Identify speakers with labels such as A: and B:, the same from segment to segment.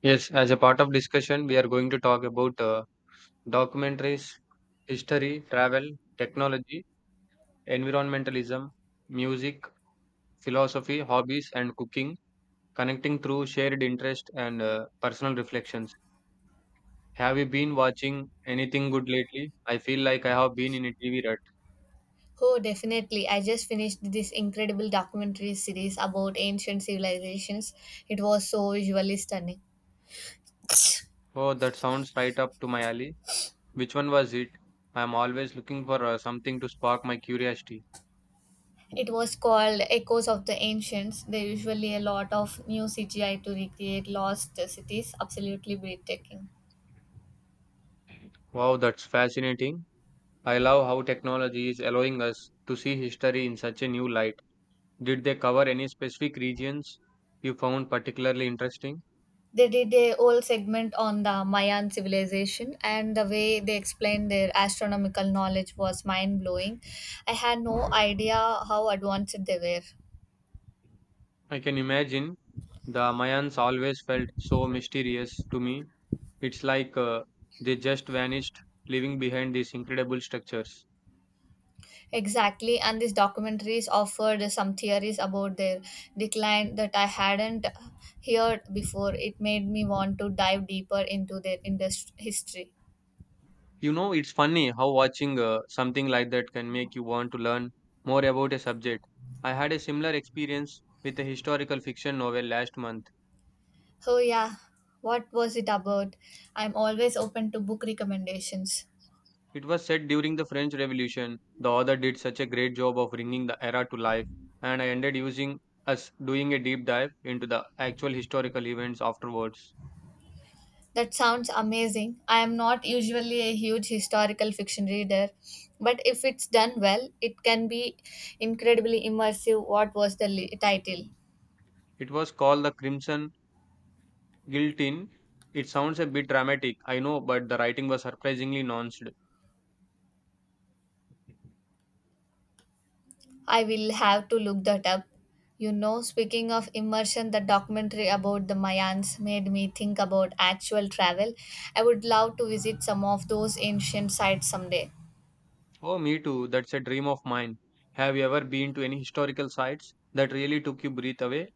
A: Yes, as a part of discussion, we are going to talk about documentaries, history, travel, technology, environmentalism, music, philosophy, hobbies, and cooking, connecting through shared interest and personal reflections. Have you been watching anything good lately? I feel like I have been in a TV rut.
B: Oh, definitely. I just finished this incredible documentary series about ancient civilizations. It was so visually stunning.
A: Oh, that sounds right up to my alley. Which one was it? I am always looking for something to spark my curiosity.
B: It was called Echoes of the Ancients. There usually a lot of new CGI to recreate lost cities. Absolutely breathtaking.
A: Wow, that's fascinating. I love how technology is allowing us to see history in such a new light. Did they cover any specific regions you found particularly interesting?
B: They did a whole segment on the Mayan civilization, and the way they explained their astronomical knowledge was mind blowing. I had no idea how advanced they were.
A: I can imagine the Mayans always felt so mysterious to me. It's like they just vanished, leaving behind these incredible structures.
B: Exactly, and these documentaries offered some theories about their decline that I hadn't heard before. It made me want to dive deeper into their industry history.
A: You know, it's funny how watching something like that can make you want to learn more about a subject. I had a similar experience with a historical fiction novel last month.
B: Oh yeah, what was it about? I'm always open to book recommendations.
A: It was set during the French Revolution. The author did such a great job of bringing the era to life, and I ended using us doing a deep dive into the actual historical events afterwards.
B: That sounds amazing. I am not usually a huge historical fiction reader, but if it's done well, it can be incredibly immersive. What was the title?
A: It was called The Crimson Guillotine. It sounds a bit dramatic, I know, but the writing was surprisingly nuanced.
B: I will have to look that up. You know, speaking of immersion, the documentary about the Mayans made me think about actual travel. I would love to visit some of those ancient sites someday.
A: Oh, me too, that's a dream of mine. Have you ever been to any historical sites that really took you breath away?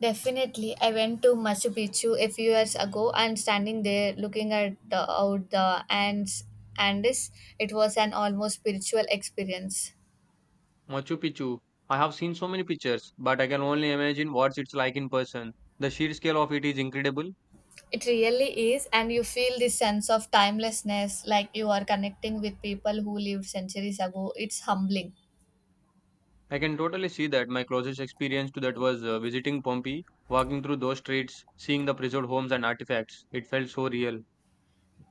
B: Definitely, I went to Machu Picchu a few years ago and standing there looking at the, out the Andes, it was an almost spiritual experience.
A: Machu Picchu. I have seen so many pictures, but I can only imagine what it's like in person. The sheer scale of it is incredible.
B: It really is, and you feel this sense of timelessness like you are connecting with people who lived centuries ago. It's humbling.
A: I can totally see that. My closest experience to that was visiting Pompeii, walking through those streets, seeing the preserved homes and artifacts. It felt so real.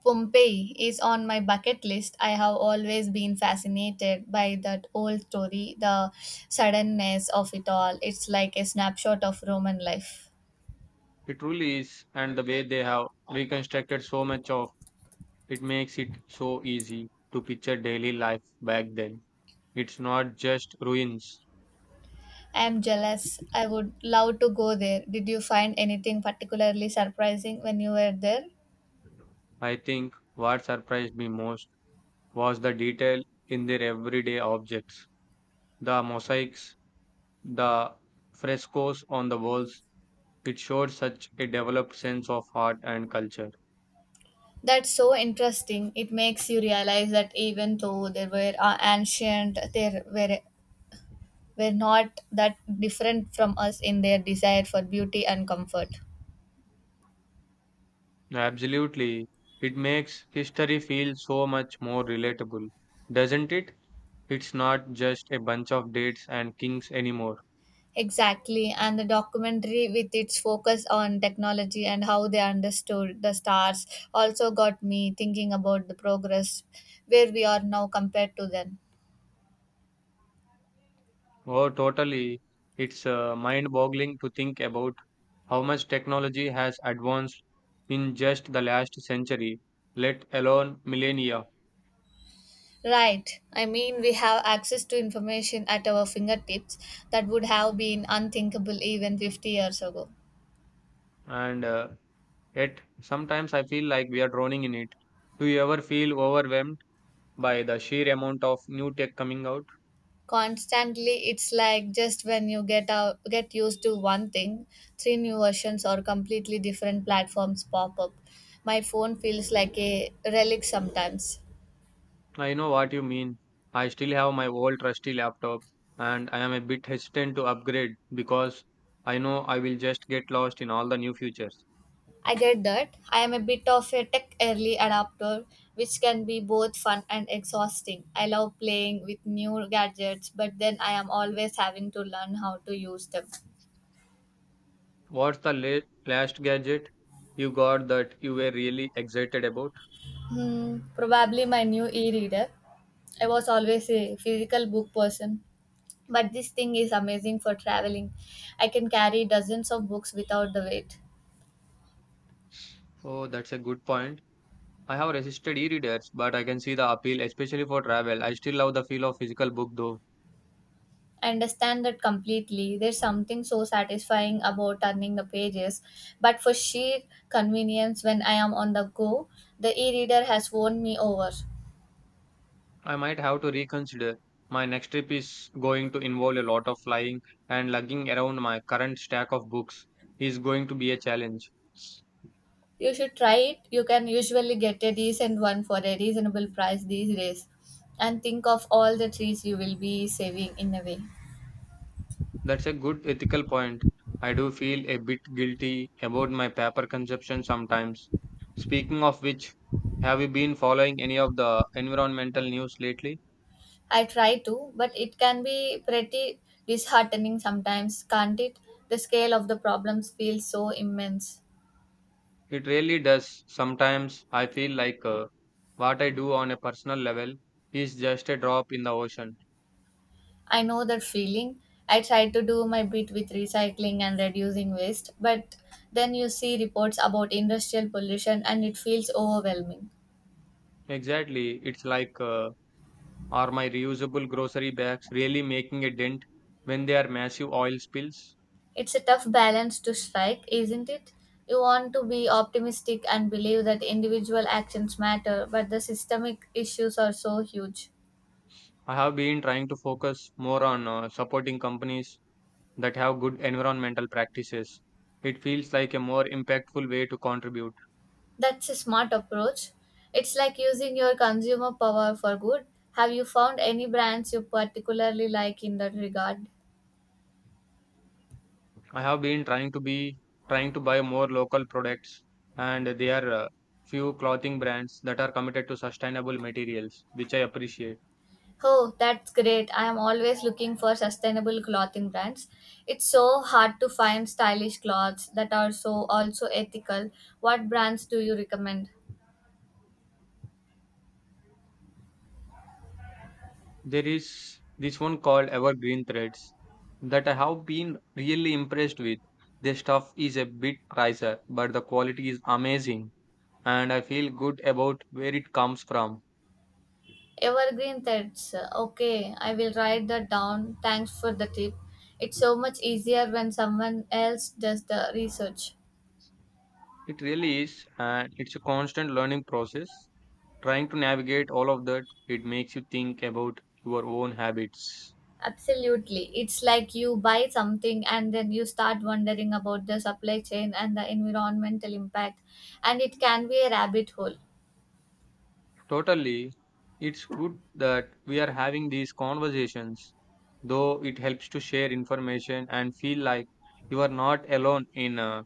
B: Pompeii is on my bucket list. I have always been fascinated by that old story, the suddenness of it all. It's like a snapshot of Roman life.
A: It truly is, and the way they have reconstructed so much of it makes it so easy to picture daily life back then. It's not just ruins.
B: I am jealous. I would love to go there. Did you find anything particularly surprising when you were there?
A: I think what surprised me most was the detail in their everyday objects. The mosaics, the frescoes on the walls, it showed such a developed sense of art and culture.
B: That's so interesting. It makes you realize that even though they were ancient, were not that different from us in their desire for beauty and comfort.
A: Absolutely. It makes history feel so much more relatable, doesn't it? It's not just a bunch of dates and kings anymore.
B: Exactly, and the documentary with its focus on technology and how they understood the stars also got me thinking about the progress where we are now compared to then.
A: Oh, totally. It's mind-boggling to think about how much technology has advanced in just the last century, let alone millennia.
B: Right, I mean, we have access to information at our fingertips that would have been unthinkable even 50 years ago.
A: And yet, sometimes I feel like we are drowning in it. Do you ever feel overwhelmed by the sheer amount of new tech coming out?
B: Constantly, it's like just when you get used to one thing, three new versions or completely different platforms pop up. My phone feels like a relic sometimes.
A: I know what you mean. I still have my old trusty laptop and I am a bit hesitant to upgrade because I know I will just get lost in all the new features.
B: I get that. I am a bit of a tech early adapter, which can be both fun and exhausting. I love playing with new gadgets, but then I am always having to learn how to use them.
A: What's the last gadget you got that you were really excited about?
B: Probably my new e-reader. I was always a physical book person, but this thing is amazing for traveling. I can carry dozens of books without the weight.
A: Oh, that's a good point. I have resisted e-readers, but I can see the appeal, especially for travel. I still love the feel of physical book though.
B: I understand that completely. There's something so satisfying about turning the pages, but for sheer convenience when I am on the go, the e reader has won me over.
A: I might have to reconsider. My next trip is going to involve a lot of flying and lugging around my current stack of books is going to be a challenge.
B: You should try it. You can usually get a decent one for a reasonable price these days. And think of all the trees you will be saving in a way.
A: That's a good ethical point. I do feel a bit guilty about my paper consumption sometimes. Speaking of which, have you been following any of the environmental news lately?
B: I try to, but it can be pretty disheartening sometimes, can't it? The scale of the problems feels so immense.
A: It really does. Sometimes I feel like what I do on a personal level is just a drop in the ocean.
B: I know that feeling. I try to do my bit with recycling and reducing waste, but then you see reports about industrial pollution and it feels overwhelming.
A: Exactly. It's like are my reusable grocery bags really making a dent when there are massive oil spills?
B: It's a tough balance to strike, isn't it? You want to be optimistic and believe that individual actions matter, but the systemic issues are so huge.
A: I have been trying to focus more on supporting companies that have good environmental practices. It feels like a more impactful way to contribute.
B: That's a smart approach. It's like using your consumer power for good. Have you found any brands you particularly like in that regard?
A: I have been trying to be Trying to buy more local products, and there are few clothing brands that are committed to sustainable materials, which I appreciate.
B: Oh, that's great. I am always looking for sustainable clothing brands. It's so hard to find stylish clothes that are so also ethical. What brands do you recommend?
A: There is this one called Evergreen Threads that I have been really impressed with. Their stuff is a bit pricier, but the quality is amazing, and I feel good about where it comes from.
B: Evergreen threads. Okay, I will write that down. Thanks for the tip. It's so much easier when someone else does the research.
A: It really is, and it's a constant learning process. Trying to navigate all of that, it makes you think about your own habits.
B: Absolutely. It's like you buy something and then you start wondering about the supply chain and the environmental impact, and it can be a rabbit hole.
A: Totally. It's good that we are having these conversations, though it helps to share information and feel like you are not alone in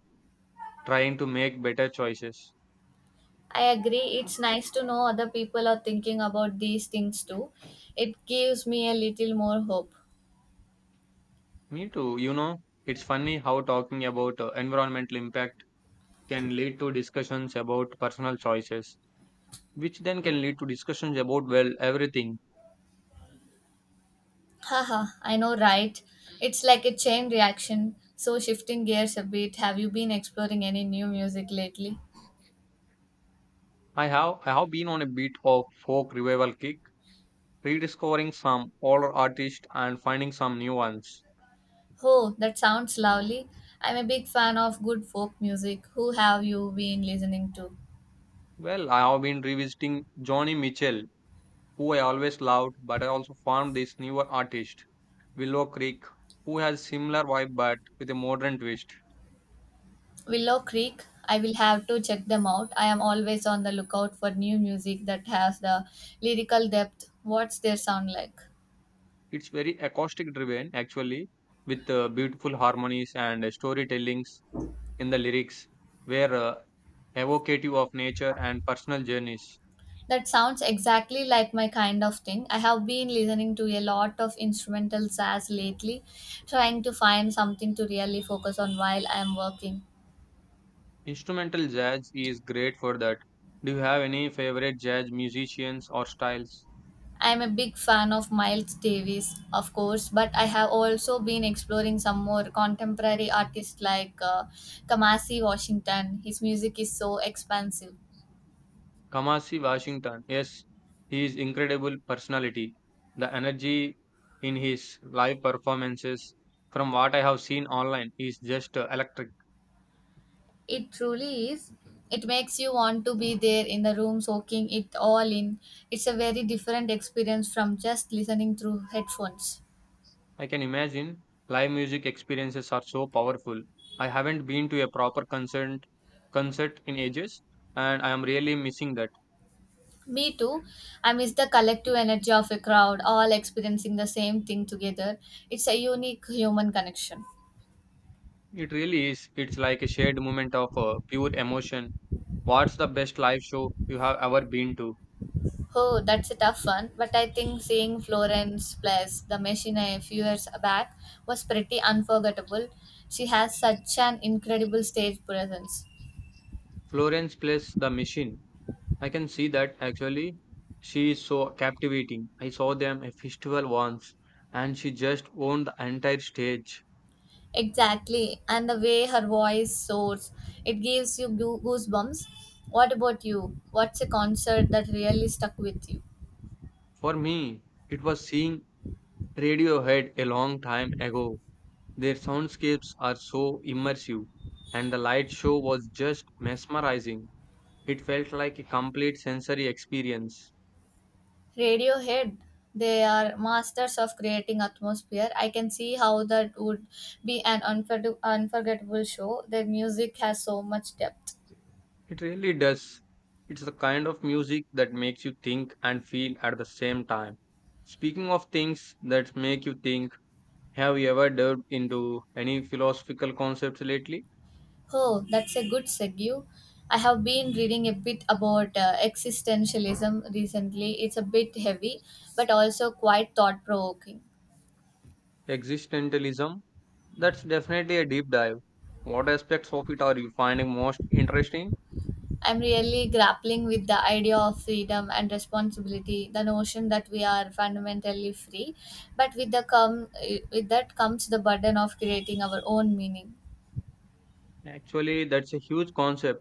A: trying to make better choices.
B: I agree. It's nice to know other people are thinking about these things too. It gives me a little more hope.
A: Me too. You know, it's funny how talking about environmental impact can lead to discussions about personal choices, which then can lead to discussions about, well, everything.
B: Haha, I know, right? It's like a chain reaction. So, shifting gears a bit, have you been exploring any new music lately?
A: I have been on a bit of folk revival kick, rediscovering some older artists and finding some new ones.
B: Oh, that sounds lovely. I'm a big fan of good folk music. Who have you been listening to?
A: Well, I have been revisiting Johnny Mitchell, who I always loved, but I also found this newer artist, Willow Creek, who has similar vibe but with a modern twist.
B: Willow Creek, I will have to check them out. I am always on the lookout for new music that has the lyrical depth. What's their sound like?
A: It's very acoustic driven actually, with beautiful harmonies and storytellings in the lyrics, were evocative of nature and personal journeys.
B: That sounds exactly like my kind of thing. I have been listening to a lot of instrumental jazz lately, trying to find something to really focus on while I am working.
A: Instrumental jazz is great for that. Do you have any favorite jazz musicians or styles?
B: I am a big fan of Miles Davis, of course, but I have also been exploring some more contemporary artists like Kamasi Washington. His music is so expansive.
A: Kamasi Washington. Yes, he is incredible personality. The energy in his live performances, from what I have seen online, is just electric.
B: It truly is. It makes you want to be there in the room soaking it all in. It's a very different experience from just listening through headphones.
A: I can imagine live music experiences are so powerful. I haven't been to a proper concert concert in ages, and I am really missing that.
B: Me too. I miss the collective energy of a crowd, all experiencing the same thing together. It's a unique human connection.
A: It really is. It's like a shared moment of pure emotion. What's the best live show you have ever been to?
B: Oh, that's a tough one, but I think seeing Florence plus the machine a few years back was pretty unforgettable. She has such an incredible stage presence.
A: Florence plays the machine. I can see that actually, she is so captivating. I saw them a festival once and she just owned the entire stage.
B: Exactly. And the way her voice soars, it gives you goosebumps. What about you? What's a concert that really stuck with you?
A: For me, it was seeing Radiohead a long time ago. Their soundscapes are so immersive and the light show was just mesmerizing. It felt like a complete sensory experience.
B: Radiohead. They are masters of creating atmosphere. I can see how that would be an unforgettable show. Their music has so much depth.
A: It really does. It's the kind of music that makes you think and feel at the same time. Speaking of things that make you think, have you ever delved into any philosophical concepts lately?
B: Oh, that's a good segue. I have been reading a bit about existentialism recently. It's a bit heavy, but also quite thought provoking.
A: Existentialism? That's definitely a deep dive. What aspects of it are you finding most interesting?
B: I'm really grappling with the idea of freedom and responsibility, the notion that we are fundamentally free, but with that comes the burden of creating our own meaning.
A: Actually, that's a huge concept.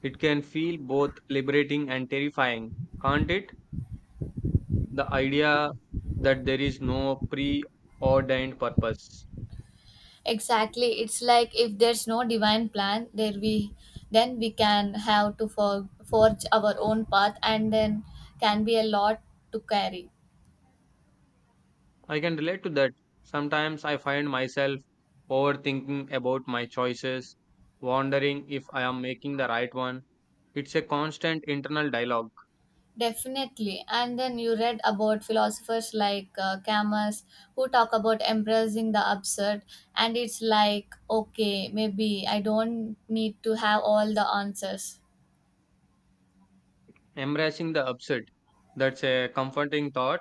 A: It can feel both liberating and terrifying, can't it? The idea that there is no preordained purpose.
B: Exactly, it's like if there's no divine plan, there we then we can have to for, forge our own path, and then can be a lot to carry.
A: I can relate to that. Sometimes I find myself overthinking about my choices, wondering if I am making the right one. It's a constant internal dialogue,
B: Definitely. And then you read about philosophers like Camus who talk about embracing the absurd. And it's like, okay, maybe I don't need to have all the answers.
A: embracing the upset. That's a comforting thought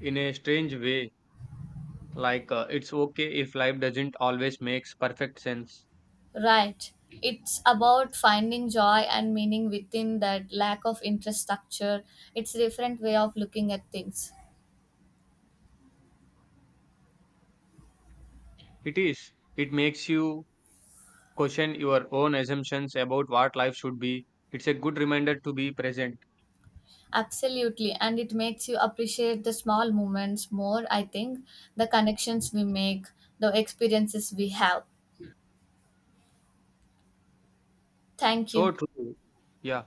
A: in a strange way, like it's okay if life doesn't always makes perfect sense.
B: Right. It's about finding joy and meaning within that lack of interest structure. It's a different way of looking at things.
A: It is. It makes you question your own assumptions about what life should be. It's a good reminder to be present.
B: Absolutely. And it makes you appreciate the small moments more, I think, the connections we make, the experiences we have. Thank
A: So
B: you.
A: true. Yeah.